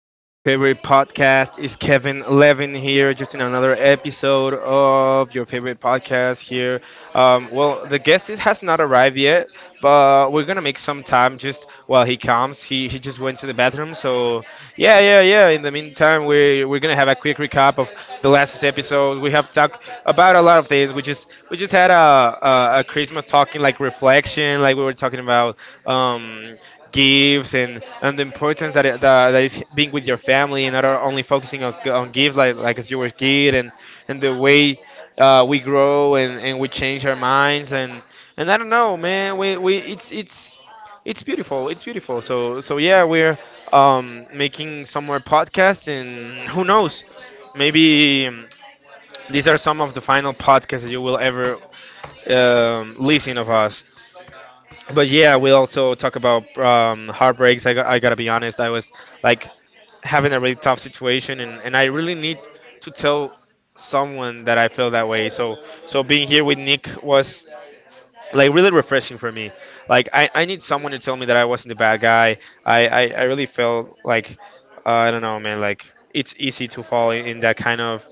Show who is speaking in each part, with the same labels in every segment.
Speaker 1: back to your favorite podcast. It's Kevin Levin here, just in another episode of your favorite podcast here. Well, the has not arrived yet, but we're gonna make some time just while he comes. He just went to the bathroom, so yeah, yeah, yeah. In the meantime, we're gonna
Speaker 2: We
Speaker 1: have a quick recap of the last episode. We have talked about a lot of things. We just had a Christmas talking like reflection, like we were talking about. Um, gifts and the importance that is being with your family and not only focusing on gifts like as you were a kid, and the way we grow, and we change our minds. And I don't know, man, we, it's beautiful, it's beautiful. So so yeah, we're making some more podcasts, and who knows, maybe these are some of the final podcasts that you will ever listen of us. But yeah, we also talk about heartbreaks. I gotta be honest. I was like having a really tough situation, and, I really need to tell someone that I feel that way. So so being here with Nick was like really refreshing for me. Like I need someone to tell me that I wasn't the bad guy. I really felt like I don't know, man. Like it's easy to fall in that kind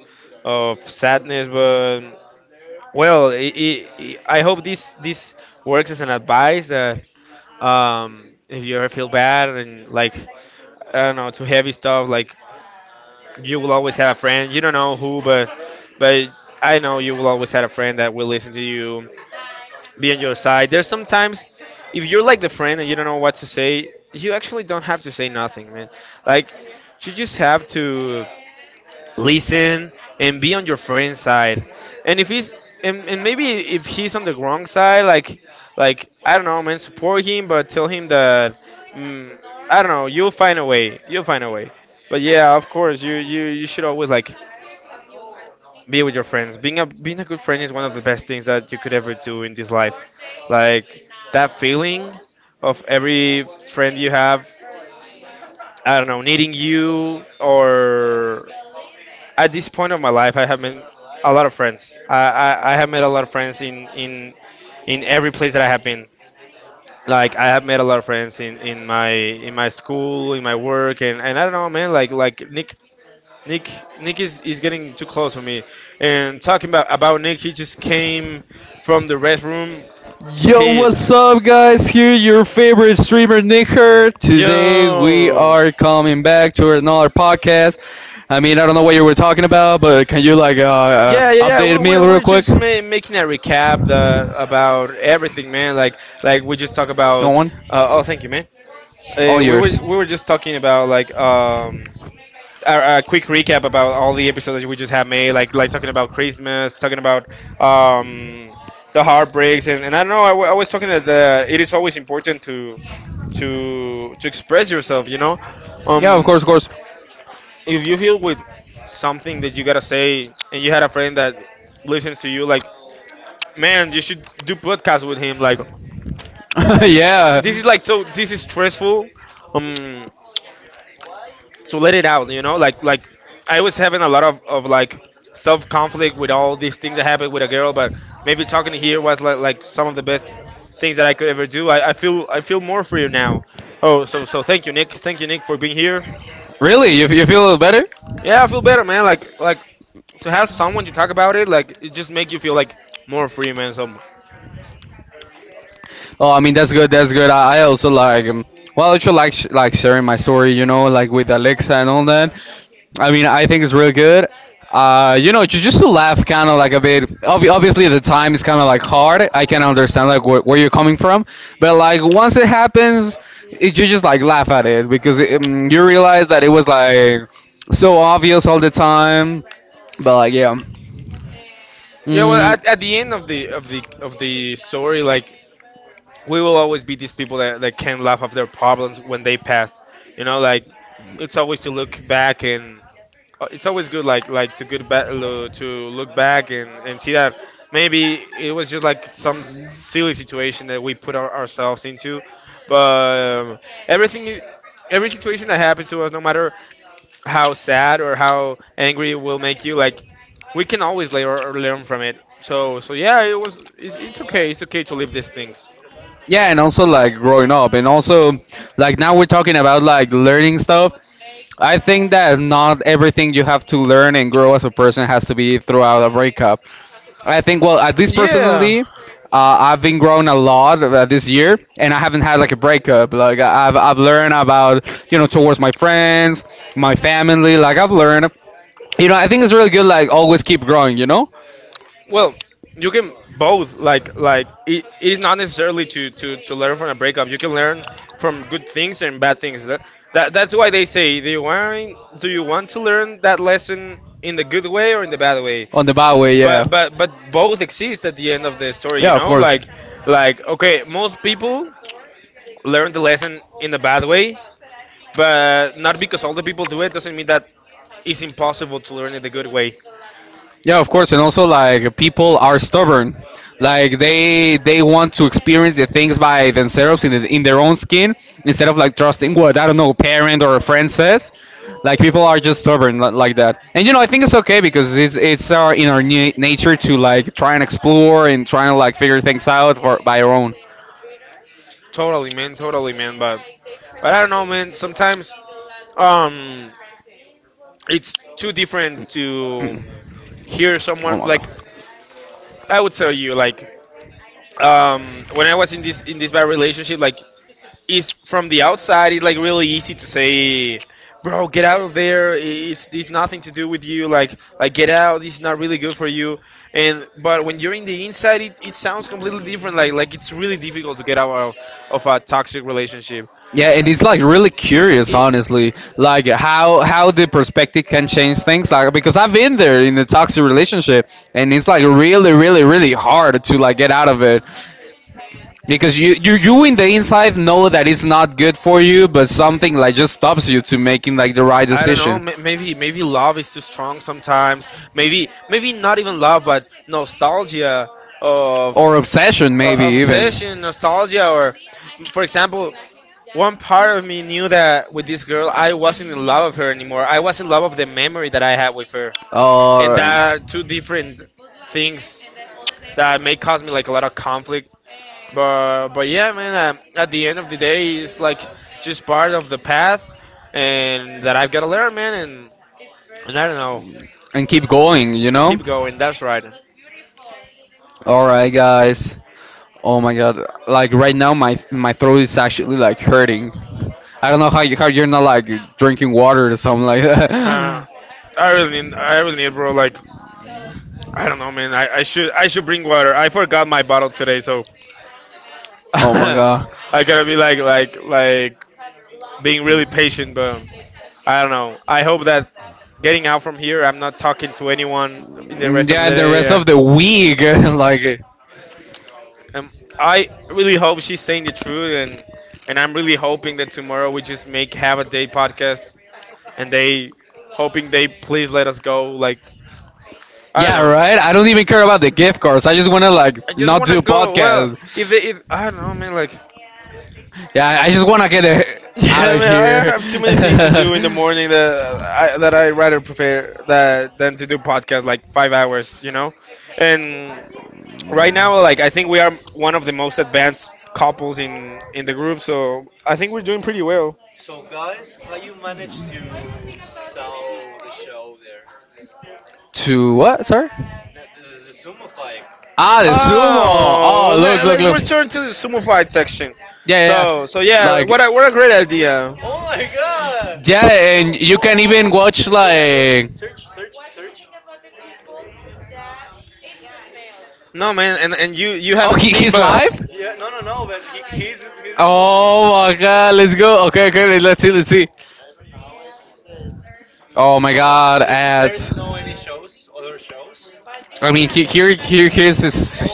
Speaker 1: of sadness. But well, I hope this works as an advice that, if you ever feel bad, and like I don't know, too heavy stuff, like you will always have a friend. You don't know who, but I know you will always have a friend that will listen to you, be on your side. There's sometimes if you're like the friend and you don't know what to say, you actually don't have to say nothing, man. Like you just have to listen and be on your
Speaker 2: and
Speaker 1: friend's side. And if he's and maybe if he's on the wrong
Speaker 2: on
Speaker 1: side, like I don't know, man, support him, but tell him that mm, I don't know, you'll find a way, you'll find a way. But yeah, of course, you should always like be with your friends. Being a good friend is one of the best things that you could ever do in this life. Like that feeling of every
Speaker 2: of
Speaker 1: friend you have, I don't know, needing you. Or at this point of my life, I have made a lot of friends. I have made a lot of friends in in every place that I have been. Like I have made a lot of friends in my school, in my work, and, I don't know, man. Like Nick Nick is getting too close for me. And talking about Nick, he just came from the restroom.
Speaker 2: Yo,
Speaker 1: Peace.
Speaker 2: what's up, guys? Here, your favorite streamer, Nick Her. Today, we
Speaker 1: Yo.
Speaker 2: are coming back to another podcast. I mean, I don't know what you were talking about, but can you, like,
Speaker 1: Yeah, yeah, yeah.
Speaker 2: update
Speaker 1: We
Speaker 2: me
Speaker 1: we
Speaker 2: real
Speaker 1: we're
Speaker 2: quick?
Speaker 1: just making a recap the about everything, man. Like we just talk about. Oh, thank you, man.
Speaker 2: All yours.
Speaker 1: We were just talking about, like a quick recap about all the episodes that we just have made, like talking about Christmas, talking about um, the heartbreaks, and, I don't know. I was talking that it is always important to to express yourself. You know,
Speaker 2: Yeah, of
Speaker 1: um,
Speaker 2: course, of course.
Speaker 1: if you feel with something that you gotta say, and you had a friend that listens to you, like man, you should do podcast with him. Like
Speaker 2: Yeah.
Speaker 1: this is like so this is stressful. Um, to let it out, you know, like I was having a lot of like self conflict with all these things that happened with a girl. But maybe talking to here was like some of the best things that I could ever do. I feel I feel more free now. Oh, so so thank you Nick, thank you Nick for being here.
Speaker 2: Really? You feel a little better?
Speaker 1: Yeah, I feel better, man. Like to have someone to talk about it, like it just makes you feel like more free, man. So
Speaker 2: Oh, I mean that's good. That's good. I also like well, I also like like sharing my story, you know, like with Alexa and all that. I mean, I think it's real good. You know, just to laugh, kind of like a bit. Obviously, the time is kind of like hard. I can understand like where you're coming from, but like once it happens, it, you just like laugh at it because it, you realize that it was like so obvious all the time. But like, yeah.
Speaker 1: yeah, well,
Speaker 2: Mm.
Speaker 1: at the end of the of the of the story, like we will always be these people that can laugh off their problems when they passed. You know, like it's always to look back and it's always good, like to to look back and see that maybe it was just like some silly situation that we put ourselves into. But everything, every situation that happens to us, no matter how sad or how angry it will make you, like we can always learn from it. So so yeah, it's okay to live these things.
Speaker 2: Yeah, and also like growing up and also like now we're talking about like learning stuff. I think that not everything you have to learn and grow as a person has to be throughout a breakup. I think, well, at least
Speaker 1: Yeah.
Speaker 2: personally, I've been growing a lot this year, and I haven't had like a breakup. Like I've learned about, you know, towards my friends, my family. Like I've learned, you know, I think it's really good, like always keep growing, you know.
Speaker 1: Well, you can both like it is not necessarily to, to learn from a breakup. You can learn from good things and bad things. That that's why they say, do you want to learn that lesson in the good way or in the bad way?
Speaker 2: On the bad way, yeah.
Speaker 1: But but both exist at the end of the story, you
Speaker 2: Yeah, of
Speaker 1: know?
Speaker 2: course.
Speaker 1: Like okay, most people learn the lesson in the bad way, but not because all the people do it, doesn't mean that it's impossible to learn it the good way.
Speaker 2: Yeah, of course, and also like people are stubborn. Like they want to experience the things by themselves in the, in their own skin instead of like trusting what, I don't know, parent or a friend says. Like people are just stubborn like that, and you know I think it's okay because it's our in our nature to like try and explore and trying to like figure things
Speaker 1: Totally, man. Totally, man. But I don't know, man. Sometimes um it's too different to hear someone
Speaker 2: out.
Speaker 1: like I would tell you like when I was in this bad relationship, like is from the outside, it's like really easy to say, bro, get out of there. It's nothing to do with you. Like get out, it's not really good for you. And but when you're in the inside, it sounds completely different. Like it's really difficult to get out of a toxic relationship.
Speaker 2: Yeah, and it's like really curious, honestly, like how the perspective can change things. Like because I've been there in a toxic relationship, and it's like really, really, really hard to like get out of it, because you in the inside know that it's not good for you, but something like just stops you to making like the right
Speaker 1: I don't decision. Know.
Speaker 2: decision.
Speaker 1: Maybe maybe love is too strong sometimes. Maybe not even love, but nostalgia of
Speaker 2: Or obsession maybe even,
Speaker 1: obsession, nostalgia, or for example, one part of me knew that with this girl, I wasn't in love with her anymore. I was in love with the memory that I had with her,
Speaker 2: all
Speaker 1: and that
Speaker 2: right,
Speaker 1: are two different things that may cause me like a lot of conflict. But yeah, man. At the end of the day, it's like just part of the path, and that I've gotta learn, man. And I don't know,
Speaker 2: and keep going, you know.
Speaker 1: keep going. That's right.
Speaker 2: All right, guys. Oh my god! Like right now, my throat is actually like hurting. I don't know how you how you're not like drinking water or something like that.
Speaker 1: I I really need, bro. Like, I don't know, man. I should bring water. I forgot my bottle today, so
Speaker 2: Oh my god!
Speaker 1: I gotta be like, like being really patient. But I don't know. I hope that getting out from here, I'm not talking to anyone in the
Speaker 2: Mm,
Speaker 1: rest of the
Speaker 2: yeah, and the
Speaker 1: day.
Speaker 2: rest of the
Speaker 1: Yeah.
Speaker 2: week, like,
Speaker 1: Um, I really hope she's saying the truth, and I'm really hoping that tomorrow we just make have a day podcast, and they hoping they please let us go. Like I
Speaker 2: yeah,
Speaker 1: don't know.
Speaker 2: right. I
Speaker 1: I
Speaker 2: don't even care about the gift cards. I just wanna like
Speaker 1: just
Speaker 2: not
Speaker 1: wanna
Speaker 2: do
Speaker 1: go. Well,
Speaker 2: podcast.
Speaker 1: if they if I don't know, man. Like
Speaker 2: Yeah, I just wanna get the, out
Speaker 1: yeah,
Speaker 2: of
Speaker 1: man,
Speaker 2: here.
Speaker 1: I have too many things to do in the morning that I rather prefer that than to do podcast like 5 hours, you know. And right now, like I think we are one of the most advanced couples in the group, so I think we're doing pretty well.
Speaker 2: To what? Sorry. Ah, the sumo. Oh,
Speaker 1: Oh,
Speaker 2: look, look,
Speaker 1: let's
Speaker 2: look.
Speaker 1: return to the sumo fight section.
Speaker 2: Yeah,
Speaker 1: So, so
Speaker 2: yeah. Yeah.
Speaker 1: yeah,
Speaker 2: Like.
Speaker 1: what a great idea.
Speaker 2: Yeah, and you can even watch like.
Speaker 1: No, man, and you
Speaker 2: Oh,
Speaker 1: haven't
Speaker 2: he,
Speaker 1: seen,
Speaker 2: he's
Speaker 1: but
Speaker 2: live. Oh my god, let's go. Okay, okay, let's see, let's see. Oh my god, this is.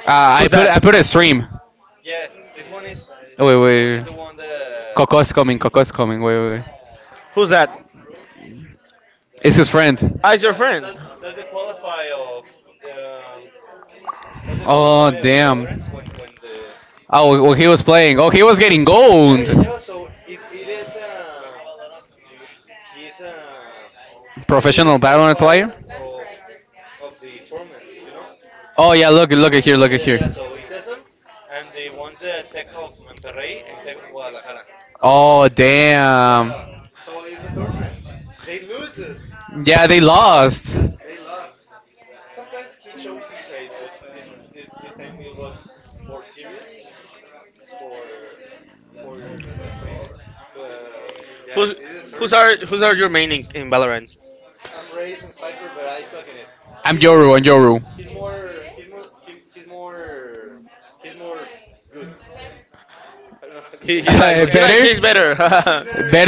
Speaker 2: I
Speaker 1: who's
Speaker 2: put I
Speaker 1: that?
Speaker 2: put a stream. Wait, wait, Coco's coming. Coco's coming. Wait, wait, wait.
Speaker 1: Who's that?
Speaker 2: It's his friend.
Speaker 1: Ah, it's your friend.
Speaker 2: Oh, well, he was playing. Oh, he was getting gold. Professional battle. Oh yeah, look, look at here, look. Oh damn. Yeah, they lost.
Speaker 1: Who's who's who's are your main in Valorant?
Speaker 2: I'm Yoru.
Speaker 1: how to He, he's like,
Speaker 2: Better.
Speaker 1: he's better. better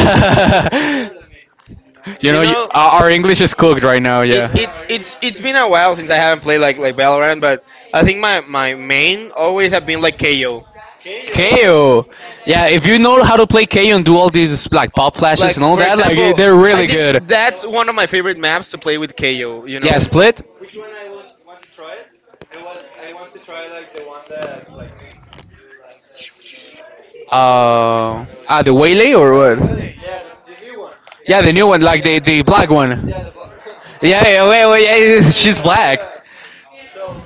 Speaker 2: You
Speaker 1: you
Speaker 2: know, you,
Speaker 1: know,
Speaker 2: our English is cooked right now. Yeah.
Speaker 1: it's it's been a while since I haven't played like Valorant, but I think my main always have been like KO.
Speaker 2: KO. Yeah, if you know how to play KO and do all these like pop flashes
Speaker 1: Like
Speaker 2: and all
Speaker 1: for
Speaker 2: that, like eh,
Speaker 1: example,
Speaker 2: they're
Speaker 1: really I
Speaker 2: really
Speaker 1: think
Speaker 2: good.
Speaker 1: that's one of my favorite maps to play with KO. You Yeah,
Speaker 2: Yeah,
Speaker 1: know,
Speaker 2: split. The waylay or what? Yeah, the new one, like the black one. Yeah, yeah, wait, wait, yeah, she's black.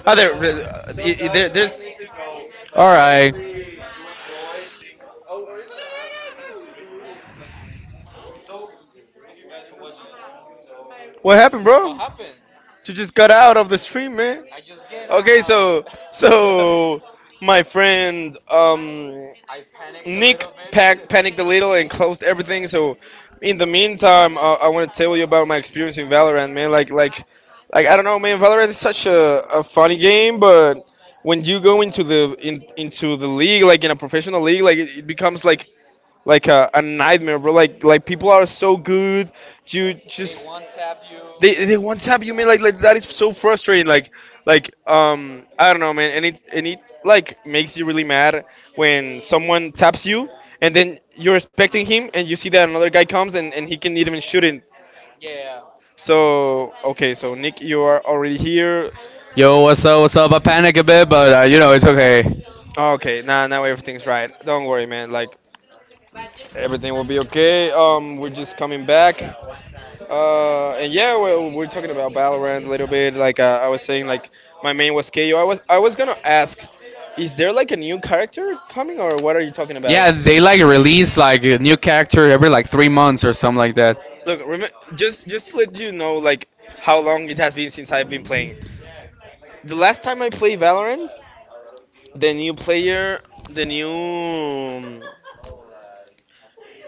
Speaker 1: other there, there's
Speaker 2: All right.
Speaker 1: what happened, what bro? You just got out of the stream, man. Okay, so so my friend Nick pack, bit. panicked a little and closed everything. So in the meantime, I want to tell you about my experience in Valorant, man. Like like I don't know, man. Valorant is such a funny game, but when you go into into the league, like in a professional league, like it becomes like a nightmare, bro. Like people are so good, you just they one tap you, man. Like that is so frustrating. Like I don't know, man. And it like makes you really mad when someone taps you, and then you're expecting him and you see that another guy comes and he can even shoot it. So okay, so Nick, you are already here.
Speaker 3: Yo, what's up? What's up? I panic a bit, but you know it's okay.
Speaker 1: Okay, now everything's right. Don't worry, man. Like everything will be okay. We're just coming back. And yeah, we're talking about Valorant a little bit. Like I was saying, like my main was KO. I was gonna ask, is there like a new character coming, or what are you talking about?
Speaker 3: Yeah, they like release like a new character every like 3 months or something like that.
Speaker 1: Look, rem- just to let you know like how long it has been since I've been playing. The last time I played Valorant, the new player, the new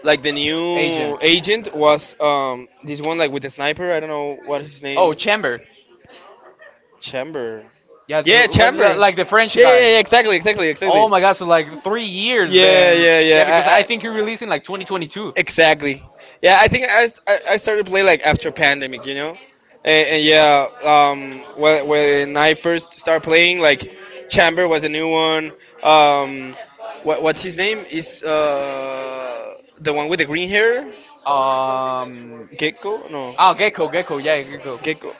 Speaker 1: like the
Speaker 3: Agent.
Speaker 1: new agent was this one like with the sniper. I don't know what his
Speaker 3: Oh,
Speaker 1: name.
Speaker 3: Chamber.
Speaker 1: Chamber.
Speaker 3: Yeah,
Speaker 1: Yeah,
Speaker 3: the, well,
Speaker 1: Chamber. Yeah,
Speaker 3: like the French
Speaker 1: yeah,
Speaker 3: guy.
Speaker 1: yeah, exactly, exactly, exactly.
Speaker 3: Oh my God! So like 3 years
Speaker 1: Yeah,
Speaker 3: then.
Speaker 1: yeah,
Speaker 3: Yeah, because I
Speaker 1: yeah. I,
Speaker 3: think he
Speaker 1: I,
Speaker 3: released in
Speaker 1: I
Speaker 3: like 2022.
Speaker 1: exactly. Yeah, I think I started to play like after pandemic, you know, and yeah, when I first started playing, like Chamber was a new one. Um, what's his name? Is the one with the green hair?
Speaker 3: Um.
Speaker 1: Gecko? No.
Speaker 3: Oh, Gecko, Gecko, yeah, Gecko.
Speaker 1: Gecko.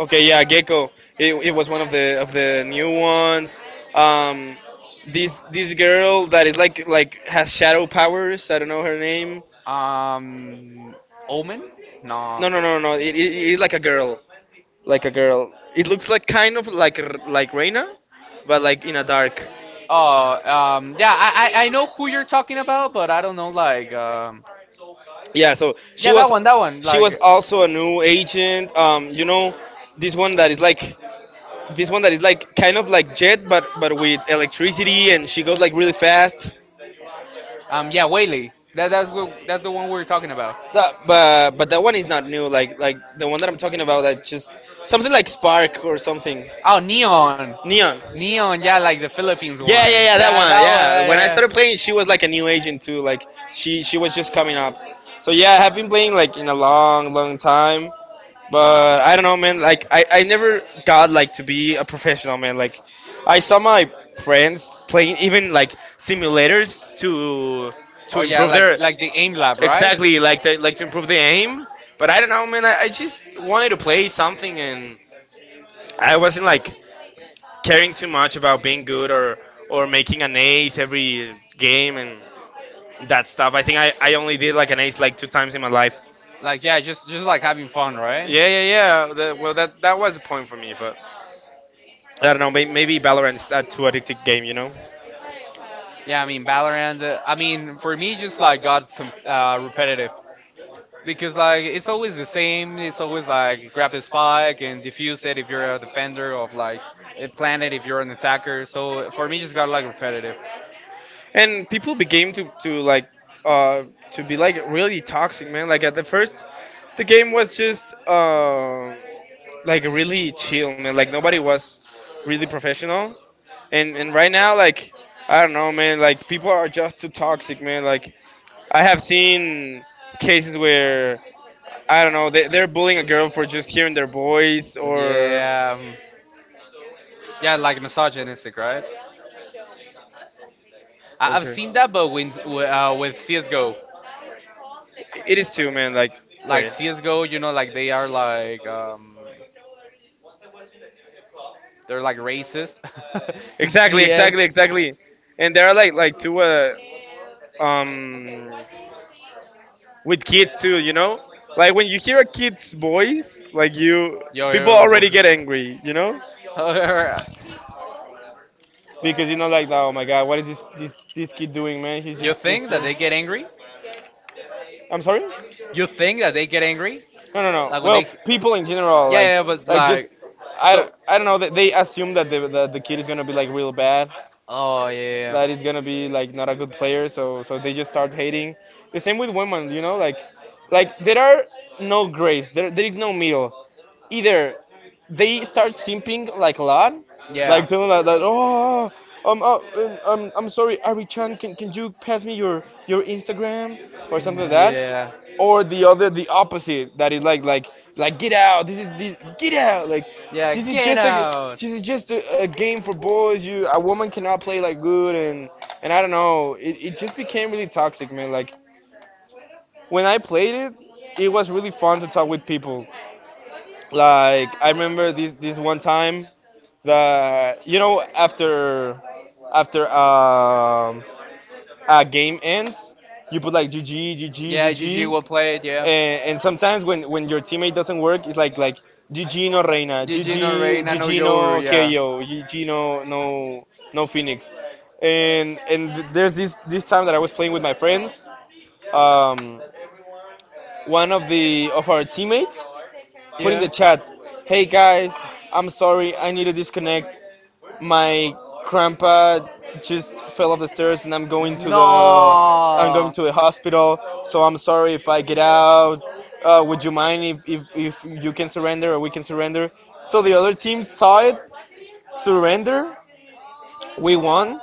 Speaker 1: Okay, yeah, Gecko. It was one of the new ones. Um, this girl that is like has shadow powers. I don't know her name.
Speaker 3: Um. Omen? No.
Speaker 1: No, no, no, no. It's like a girl, like a girl. It looks like kind of like Reina, but like in a dark.
Speaker 3: Oh, Yeah, I I know who you're talking about, but I don't know.
Speaker 1: Yeah, so
Speaker 3: Yeah, that one, that one.
Speaker 1: she was also a new agent. You know, this one that is like this one that is like kind of like Jet, but with electricity, and she goes like really fast.
Speaker 3: Yeah, Whaley. That's the one we were talking about.
Speaker 1: That, but that one is not new. Like the one that I'm talking about, that just something like Spark or something.
Speaker 3: Oh, Neon.
Speaker 1: Neon.
Speaker 3: Neon, yeah, like the Philippines
Speaker 1: Yeah,
Speaker 3: one.
Speaker 1: yeah, yeah, that
Speaker 3: Yeah,
Speaker 1: one.
Speaker 3: that one.
Speaker 1: Yeah,
Speaker 3: Yeah,
Speaker 1: when I
Speaker 3: yeah, yeah.
Speaker 1: started playing, she was like a new agent too. Like she was just coming up. So yeah, I have been playing like in a long, long time. But I don't know, man. Like I never got like to be a professional, man. Like I saw my friends playing even like simulators to
Speaker 3: Oh yeah,
Speaker 1: improve
Speaker 3: like
Speaker 1: their
Speaker 3: like the aim lab, right?
Speaker 1: exactly like to improve the aim. But I don't know, man. I just wanted to play something, and I wasn't like caring too much about being good or making an ace every game and that stuff. I think I only did like an ace like two times in my life.
Speaker 3: Like yeah, just like having fun, right?
Speaker 1: Yeah, yeah, yeah. That, well, that was a point for me, but. I don't know. Maybe Valorant's a too addictive game, you know.
Speaker 3: Yeah, I mean Valorant. I mean for me, just like got repetitive because like it's always the same. It's always like grab a spike and defuse it if you're a defender of like a planet if you're an attacker. So for me, just got like repetitive.
Speaker 1: And people began to like uh to be like really toxic, man. Like at the first, the game was just like really chill, man. Like nobody was really professional. And right now, like I don't know, man. Like people are just too toxic, man. Like I have seen cases where I don't know they're bullying a girl for just hearing their voice or.
Speaker 3: Yeah, yeah, like misogynistic, right? I've
Speaker 1: Okay.
Speaker 3: seen that, but
Speaker 1: With, with
Speaker 3: with
Speaker 1: C S G
Speaker 3: CS:GO,
Speaker 1: O. It is too, man. Like,
Speaker 3: like
Speaker 1: wait.
Speaker 3: CS:GO, you know, like they are they're like racist, and
Speaker 1: Exactly, exactly,
Speaker 3: CS,
Speaker 1: exactly. And there are like two um with kids too, you know? Like when you hear a kid's voice, like you
Speaker 3: yo,
Speaker 1: people
Speaker 3: yo,
Speaker 1: already get angry, you know?
Speaker 3: yo.
Speaker 1: Because you know like oh my god, what is this kid doing, man? He's
Speaker 3: You
Speaker 1: just
Speaker 3: think that they
Speaker 1: playing.
Speaker 3: get angry?
Speaker 1: I'm sorry?
Speaker 3: You think that they get angry?
Speaker 1: No, no, no.
Speaker 3: Like when
Speaker 1: Well,
Speaker 3: they,
Speaker 1: people in general
Speaker 3: yeah, yeah, but
Speaker 1: like just
Speaker 3: like,
Speaker 1: I don't,
Speaker 3: so.
Speaker 1: I don't know they assume that the kid is going to be like real bad,
Speaker 3: Oh yeah.
Speaker 1: that is gonna be
Speaker 3: Yeah,
Speaker 1: like not a good player. So they just start hating. The same with women, you know, like there are no grace. There is no middle, either they start simping like a lot,
Speaker 3: yeah.
Speaker 1: like telling like that, oh, I'm sorry, Ari Chan, can you
Speaker 3: Yeah.
Speaker 1: pass me your Instagram or something like
Speaker 3: Yeah.
Speaker 1: that? Or the other, the opposite, that is get out. This is this get out. Like
Speaker 3: Yeah,
Speaker 1: this is
Speaker 3: get
Speaker 1: just a
Speaker 3: out.
Speaker 1: this is just a game for boys. You, a woman cannot play like good and I don't know. It just became really toxic, man. Like when I played it, it was really fun to talk with people. Like I remember this one time that you know after after um a game ends, you put like GG GG
Speaker 3: GG
Speaker 1: GG,
Speaker 3: will play it.
Speaker 1: and sometimes when your teammate doesn't work, it's like GG
Speaker 3: Gigino.
Speaker 1: no Reina, GG GG no KO, GG no no Phoenix, and there's this time that I was playing with my friends. Um, one of the of our teammates put in the chat, "Hey guys, I'm sorry, I need to disconnect. My grandpa just fell off the stairs, and I'm going to the hospital. So I'm sorry if I get out. Would you mind if, if you can surrender or we can surrender?" So the other team saw it, surrender. We won,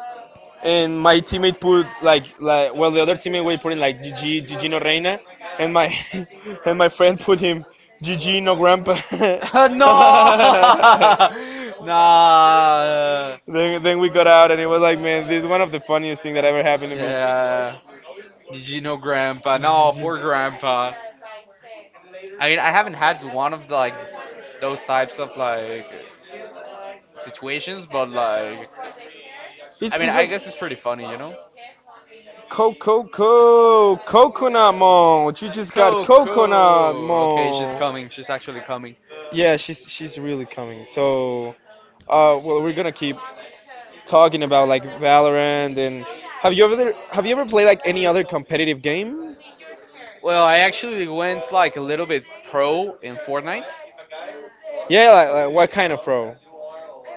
Speaker 1: and my teammate put like well the other teammate we put in like GG Gigino Reina and my and my friend put him GG no grandpa.
Speaker 3: Nah. Out,
Speaker 1: Then we got out and it was like man this is one of the funniest thing that ever happened to me.
Speaker 3: no. I mean, I haven't had situations, but like, I mean,
Speaker 1: It's
Speaker 3: I
Speaker 1: like
Speaker 3: guess it's pretty funny, you know?
Speaker 1: Coco Coconut Mo. You just got coconut
Speaker 3: Coco! Okay, she's
Speaker 1: mo.
Speaker 3: coming. She's actually coming.
Speaker 1: Yeah, she's really coming. So, well, we're gonna keep talking about like Valorant. And have you ever played like any other competitive game?
Speaker 3: Well, I actually went like a little bit pro in Fortnite.
Speaker 1: Yeah, like what kind of pro?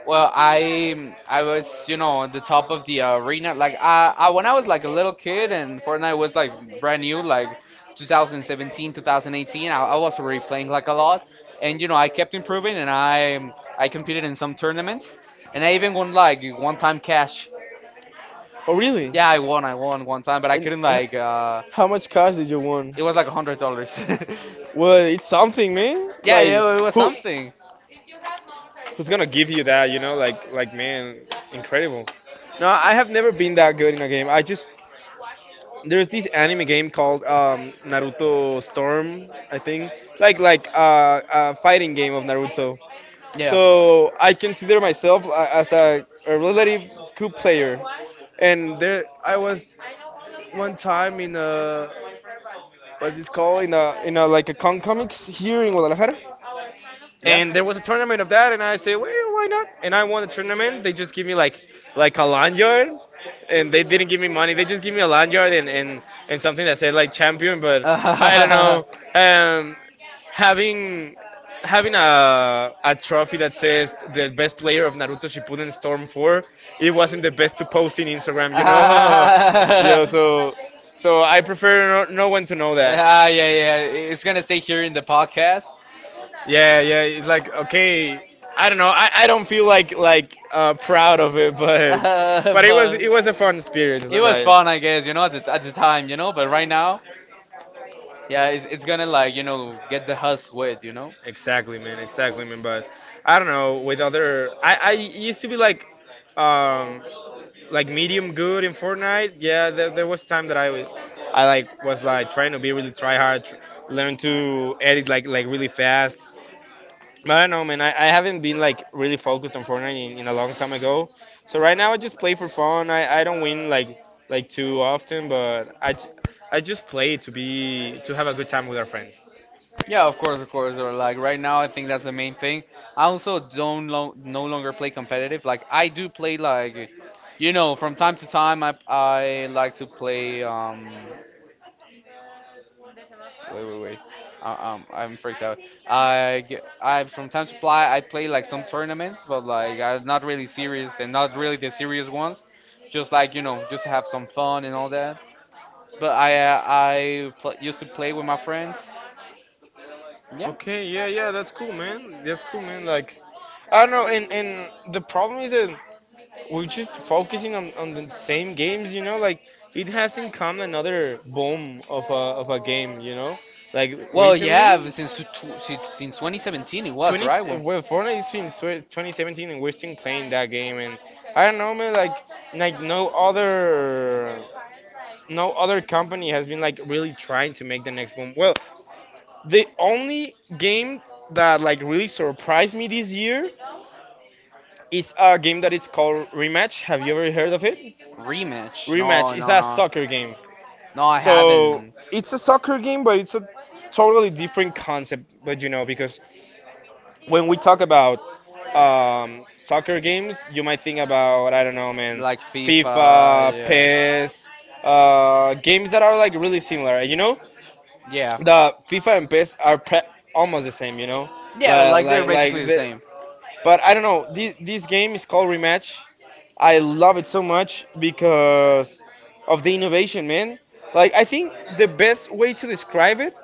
Speaker 3: Well, I was you know at the top of the arena like I when I was like a little kid and Fortnite was like brand new like 2017 2018. I was already playing like a lot, and you know I kept improving and I competed in some tournaments, and I even won like one time cash.
Speaker 1: Oh, really?
Speaker 3: Yeah, I won one time, but I
Speaker 1: And
Speaker 3: couldn't
Speaker 1: how much cash did you win?
Speaker 3: it was like $100. Yeah,
Speaker 1: Well, it's something, man.
Speaker 3: yeah
Speaker 1: Like
Speaker 3: it was
Speaker 1: who
Speaker 3: something.
Speaker 1: who's gonna give you that? You know, like man, incredible. No, I have never been that good in a game. I just There's this anime game called Naruto Storm, I think, like a fighting game of Naruto.
Speaker 3: Yeah.
Speaker 1: So I consider myself as a relative good player. And there, I was one time in a what's this called, in a like a con comics here in Guadalajara,
Speaker 3: Yeah.
Speaker 1: and there was a tournament of that, and I said, well, why not? And I won the tournament. They just give me like a lanyard, and they didn't give me money. They just give me a lanyard and something that said like champion. But I don't know. Um, having having a trophy that says the best player of Naruto Shippuden Storm 4, it wasn't the best to post in Instagram, you know. Yeah, so so I prefer no, no one to know that.
Speaker 3: Ah, yeah, yeah. It's gonna stay here in the podcast.
Speaker 1: Yeah, yeah. It's like okay, I don't know. I don't feel like proud of it,
Speaker 3: Uh,
Speaker 1: but
Speaker 3: but
Speaker 1: it was a fun experience,
Speaker 3: it was
Speaker 1: right?
Speaker 3: fun, I guess. You know, at the time, you know. But right now, yeah, it's gonna like you know get the husk wet, you know.
Speaker 1: Exactly, man. Exactly, man. But I don't know. With other, I used to be um like medium good in Fortnite. Yeah, there was time that I was I like was like trying to be really try hard, tr learn to edit like really fast. But I don't know, man. I haven't been like really focused on Fortnite in a long time ago. So right now I just play for fun. I don't win like too often, but I just play to be to have a good time with our friends.
Speaker 3: Yeah, of course, of course. Or like right now, I think that's the main thing. I also don't no longer play competitive. Like I do play like, you know, from time to time. I like to play. Wait, wait, wait. I'm freaked out. I get, I from time to play. I play like some tournaments, but like I'm not really serious and not really the serious ones. Just like you know, just to have some fun and all that. But I used to play with my friends. Yeah.
Speaker 1: Okay, yeah, yeah, that's cool, man. That's cool, man. Like, I don't know, and the problem is that we're just focusing on the same games, you know. Like, it hasn't come another boom of a game, you know. Like
Speaker 3: Well, yeah,
Speaker 1: recently.
Speaker 3: since since 2017 it was
Speaker 1: 20,
Speaker 3: right when
Speaker 1: well, Fortnite is since 2017 and we're still playing that game. And I don't know, man, like, like no other, no other company has been like really trying to make the next boom. Well, the only game that like really surprised me this year is a game that is called Rematch. Have you ever heard of it?
Speaker 3: rematch. No,
Speaker 1: Rematch is
Speaker 3: no,
Speaker 1: a
Speaker 3: no,
Speaker 1: soccer game.
Speaker 3: no. I
Speaker 1: So
Speaker 3: haven't.
Speaker 1: it's a soccer game, but it's a totally different concept. But you know, because when we talk about soccer games, you might think about I don't know, man,
Speaker 3: Like
Speaker 1: FIFA,
Speaker 3: FIFA, yeah,
Speaker 1: PES, games that are like really similar. You know,
Speaker 3: yeah,
Speaker 1: the FIFA and PES are almost the same. You know,
Speaker 3: yeah. Like they're basically
Speaker 1: like
Speaker 3: the
Speaker 1: the.
Speaker 3: same.
Speaker 1: But I don't know. This game is called Rematch. I love it so much because of the innovation, man. Like I think the best way to describe it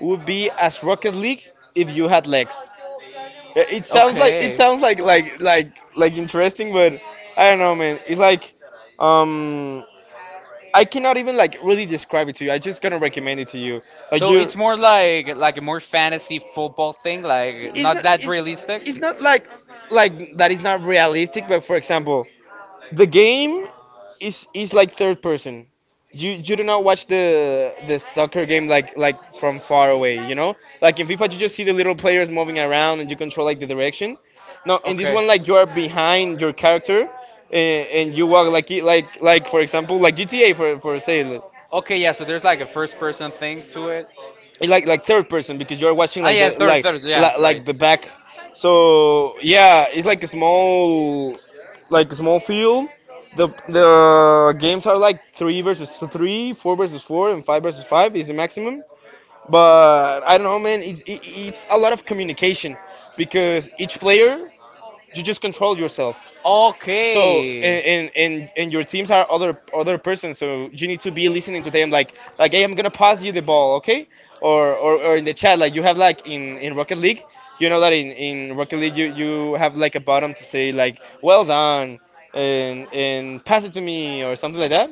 Speaker 1: would be as Rocket League if you had legs. Yeah, it
Speaker 3: Okay.
Speaker 1: sounds like interesting, but I don't know, man. It's like um I cannot even like really describe it to you. I just gonna recommend it to you. Like
Speaker 3: So
Speaker 1: you.
Speaker 3: it's
Speaker 1: It's
Speaker 3: more
Speaker 1: not.
Speaker 3: like a more fantasy football thing, like not that
Speaker 1: It's,
Speaker 3: realistic.
Speaker 1: it's not that is not realistic. But for example, the game is like third person. You do not watch the soccer game like from far away. You know, like in FIFA you just see the little players moving around and you control like the direction. No, in this
Speaker 3: Okay.
Speaker 1: one like you are behind your character and you walk like for example like GTA for say.
Speaker 3: Okay, yeah. So there's like a first person thing to it.
Speaker 1: It's like third person because you're watching
Speaker 3: Ah,
Speaker 1: like the
Speaker 3: yeah, third,
Speaker 1: like
Speaker 3: third. Yeah,
Speaker 1: like,
Speaker 3: right.
Speaker 1: like the back. So yeah, it's like a small field. The games are like three versus three, four versus four, and five versus five is the maximum, but I don't know, man, it's a lot of communication because each player, you just control yourself. So
Speaker 3: Okay.
Speaker 1: and your teams are other persons, so you need to be listening to them. Hey, I'm gonna pass you the ball, okay? Or in the chat, like you have like in Rocket League. You know that in Rocket League you have like a bottom to say like, well done, and pass it to me or something like that.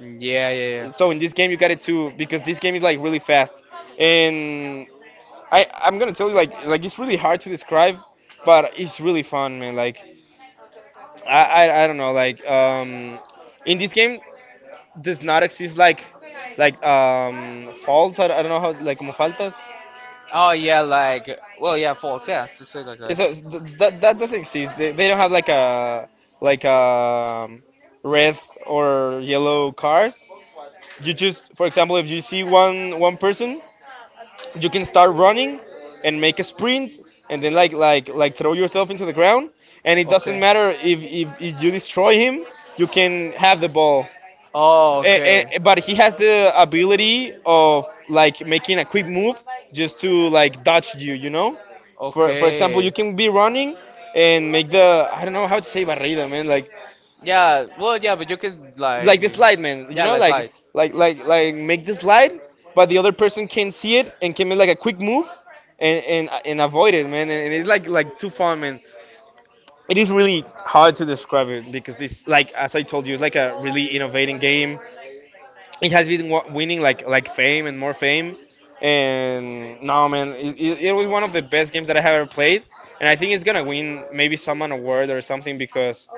Speaker 3: Yeah, yeah, yeah.
Speaker 1: So in this game you got it too, because this game is like really fast, and I'm gonna tell you like it's really hard to describe, but it's really fun, man. Like I, I don't know. In this game does not exist like falls. I don't know how, like, como faltas.
Speaker 3: Oh, yeah, like, yeah, false, yeah, to say like.
Speaker 1: It's a, th- that that doesn't exist. They don't have like a like a red or yellow card. You just, for example, if you see one person, you can start running and make a sprint and then like throw yourself into the ground, and it doesn't
Speaker 3: Okay.
Speaker 1: matter if you destroy him, you can have the ball.
Speaker 3: Oh,
Speaker 1: Okay. But he has the ability of like making a quick move just to like dodge you you know
Speaker 3: make.
Speaker 1: For example, you can be running and make the, I don't know how to say, barrida, man, like
Speaker 3: Yeah, well, yeah, but you could like,
Speaker 1: like
Speaker 3: Like
Speaker 1: the
Speaker 3: the slide,
Speaker 1: slide,
Speaker 3: man.
Speaker 1: man,
Speaker 3: Yeah, like
Speaker 1: like
Speaker 3: slide.
Speaker 1: like like like make the slide. But the other person can see it and can make like a quick move and avoid it, man, and it's like too fun, man. It is really hard to describe it because this, like, as I told you, it's like a really innovating game. It has been winning like fame and more fame, and no, man, it was one of the best games that I have ever played, and I think it's gonna win maybe some an award or something, because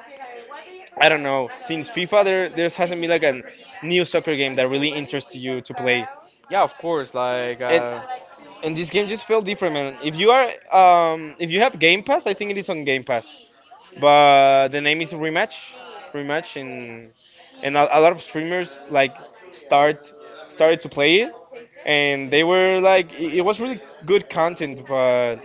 Speaker 1: I don't know. Since FIFA, there hasn't been like a new soccer game that really interests you to play,
Speaker 3: Yeah, of course, like.
Speaker 1: and and this game just felt different, man. If you have Game Pass, I think it is on Game Pass, but the name is Rematch, Rematch, and a lot of streamers like start started to play it, and they were like, it was really good content, but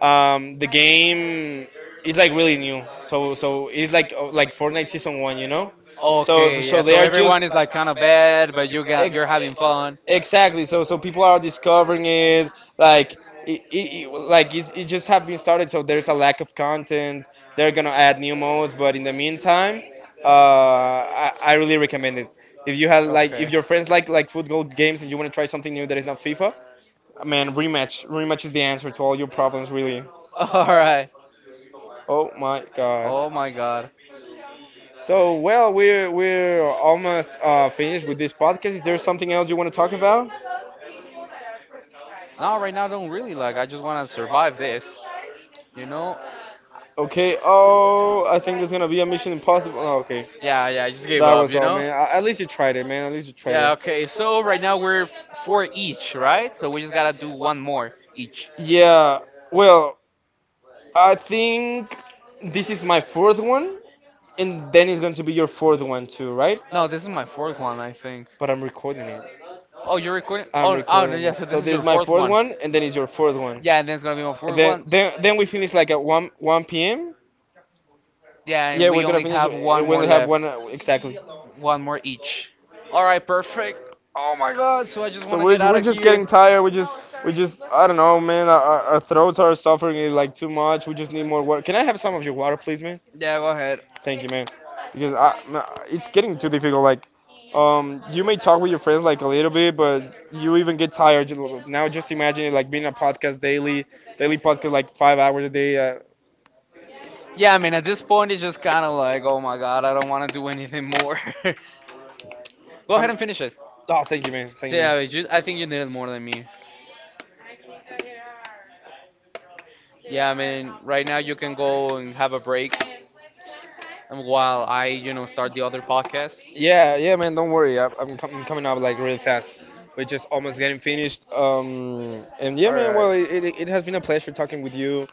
Speaker 1: the game is like really new, so it's like Fortnite season one, you know. So
Speaker 3: Okay,
Speaker 1: so
Speaker 3: yeah.
Speaker 1: they
Speaker 3: So
Speaker 1: are just,
Speaker 3: everyone is like kind of bad, but you got you're having fun.
Speaker 1: exactly. So people are discovering it, like it just have been started. So there's a lack of content. They're gonna add new modes, but in the meantime, I really recommend it. If
Speaker 3: Okay.
Speaker 1: your friends like football games and you want to try something new that is not FIFA, man, Rematch is the answer to all your problems, really.
Speaker 3: All right.
Speaker 1: Oh my God.
Speaker 3: Oh my God.
Speaker 1: So, well, we're almost finished with this podcast. Is there something else you want to talk about?
Speaker 3: No, right now I don't really like. I just want to survive this. You know?
Speaker 1: Okay. Oh, I think there's gonna be a Mission Impossible. Oh, okay.
Speaker 3: Yeah, yeah. I just gave
Speaker 1: That
Speaker 3: up.
Speaker 1: was
Speaker 3: You
Speaker 1: all,
Speaker 3: know?
Speaker 1: man. At least you tried it, man. At least you tried
Speaker 3: Yeah.
Speaker 1: it.
Speaker 3: Okay. So right now we're four each, right? So we just gotta do one more each.
Speaker 1: Yeah. Well, I think this is my fourth one, and then it's going to be your fourth one too, right?
Speaker 3: No, this is my fourth one, I think.
Speaker 1: But I'm recording it.
Speaker 3: Oh, you're recording?
Speaker 1: I'm
Speaker 3: Oh, oh, no,
Speaker 1: recording
Speaker 3: yeah. So
Speaker 1: it.
Speaker 3: this
Speaker 1: So
Speaker 3: is
Speaker 1: this
Speaker 3: your
Speaker 1: is my fourth
Speaker 3: one.
Speaker 1: one, and then is your fourth one.
Speaker 3: Yeah, and then it's gonna be my
Speaker 1: And
Speaker 3: fourth
Speaker 1: then
Speaker 3: one.
Speaker 1: then then we finish like at one p.m.
Speaker 3: People, yeah,
Speaker 1: Yeah, are
Speaker 3: and
Speaker 1: gonna
Speaker 3: only
Speaker 1: finish.
Speaker 3: have one
Speaker 1: We
Speaker 3: more
Speaker 1: only have one,
Speaker 3: left.
Speaker 1: exactly.
Speaker 3: One more each. All right, perfect. Oh my God. So I just
Speaker 1: So
Speaker 3: want to
Speaker 1: we're
Speaker 3: get out
Speaker 1: we're
Speaker 3: of
Speaker 1: just
Speaker 3: here.
Speaker 1: getting tired. We just, I don't know, man. Our throats are suffering, like, too much. We just need more water. Can I have some of your water, please, man?
Speaker 3: Yeah, go ahead.
Speaker 1: Thank you, man. Because it's getting too difficult. Like, you may talk with your friends like a little bit, but you even get tired. Now just imagine it like being a podcast daily, daily podcast, like, 5 hours a day.
Speaker 3: Yeah, I mean, at this point, it's just kind of like, oh my God, I don't want to do anything more. Go ahead
Speaker 1: I'm,
Speaker 3: and finish it.
Speaker 1: oh, thank you, man.
Speaker 3: So
Speaker 1: Thank you,
Speaker 3: yeah,
Speaker 1: man.
Speaker 3: it's just, I think you need it more than me. Yeah, I mean, right now you can go and have a break and while I, you know, start the other podcast.
Speaker 1: Yeah, yeah, man. Don't worry. I'm coming up like really fast. We're just almost getting finished. And yeah,
Speaker 3: All
Speaker 1: man.
Speaker 3: right.
Speaker 1: Well, it has been a pleasure talking with you.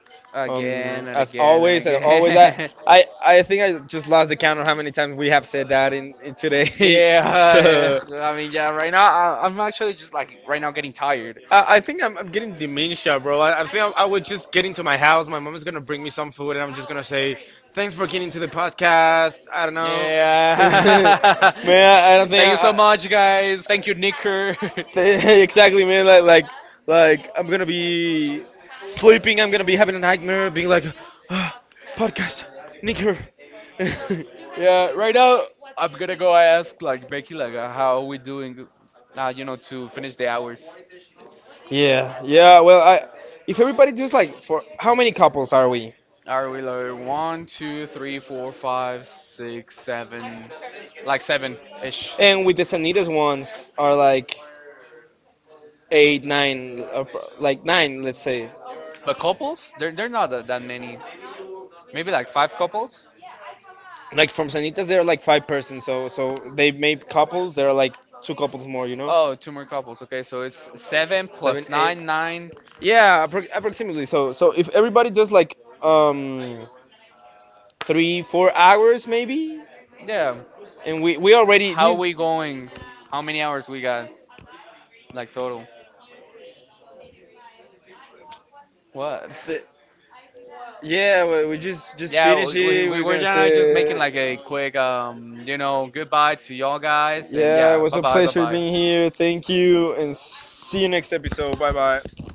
Speaker 1: Um,
Speaker 3: Again and
Speaker 1: as
Speaker 3: again and
Speaker 1: always, as always, I,
Speaker 3: again.
Speaker 1: I, I think I just lost the count of how many times we have said that in today.
Speaker 3: Yeah,
Speaker 1: so
Speaker 3: I mean, yeah, right now I'm actually just like right now getting tired.
Speaker 1: I, I think I'm getting dementia, bro. I think I would just get into my house. My mom is gonna bring me some food, and I'm just gonna say, "Thanks for getting to the podcast." I don't know.
Speaker 3: Yeah.
Speaker 1: Man, I don't
Speaker 3: Thank you so much,
Speaker 1: think
Speaker 3: guys. Thank you, Nicker.
Speaker 1: I, exactly, man. Like, I'm gonna be sleeping. I'm gonna be having a nightmare, being like, "Ah, Podcast, nigger." Yeah,
Speaker 3: Yeah, right now I'm gonna go ask like Becky like how are we doing now, you know, to finish the hours.
Speaker 1: Yeah, yeah. Well, I if everybody does, like, for how many couples are we?
Speaker 3: Are we like one, two, three, four, five, six, seven, like seven ish.
Speaker 1: And with the Sanitas ones are like eight, nine, like nine, let's say.
Speaker 3: But couples? There are not that many. Maybe like five couples?
Speaker 1: Like from Sanitas, they're like five person. So they made couples. There are like two couples more, you
Speaker 3: Oh,
Speaker 1: know.
Speaker 3: two more couples. Okay, so it's seven
Speaker 1: Seven,
Speaker 3: plus
Speaker 1: eight.
Speaker 3: nine, nine.
Speaker 1: Yeah, approximately. So if everybody does like um 3, 4 hours maybe,
Speaker 3: Yeah. And
Speaker 1: and we already
Speaker 3: how
Speaker 1: these.
Speaker 3: we going? How many hours we got? Like total? What?
Speaker 1: The, yeah, we just
Speaker 3: Yeah, we,
Speaker 1: finish
Speaker 3: finished
Speaker 1: it.
Speaker 3: we
Speaker 1: We're
Speaker 3: were
Speaker 1: gonna
Speaker 3: gonna just
Speaker 1: say.
Speaker 3: making like a quick, you know, goodbye to y'all guys, and
Speaker 1: Yeah, it
Speaker 3: yeah,
Speaker 1: was
Speaker 3: bye
Speaker 1: a pleasure
Speaker 3: bye,
Speaker 1: being here. Thank you, and see you next episode. Bye bye.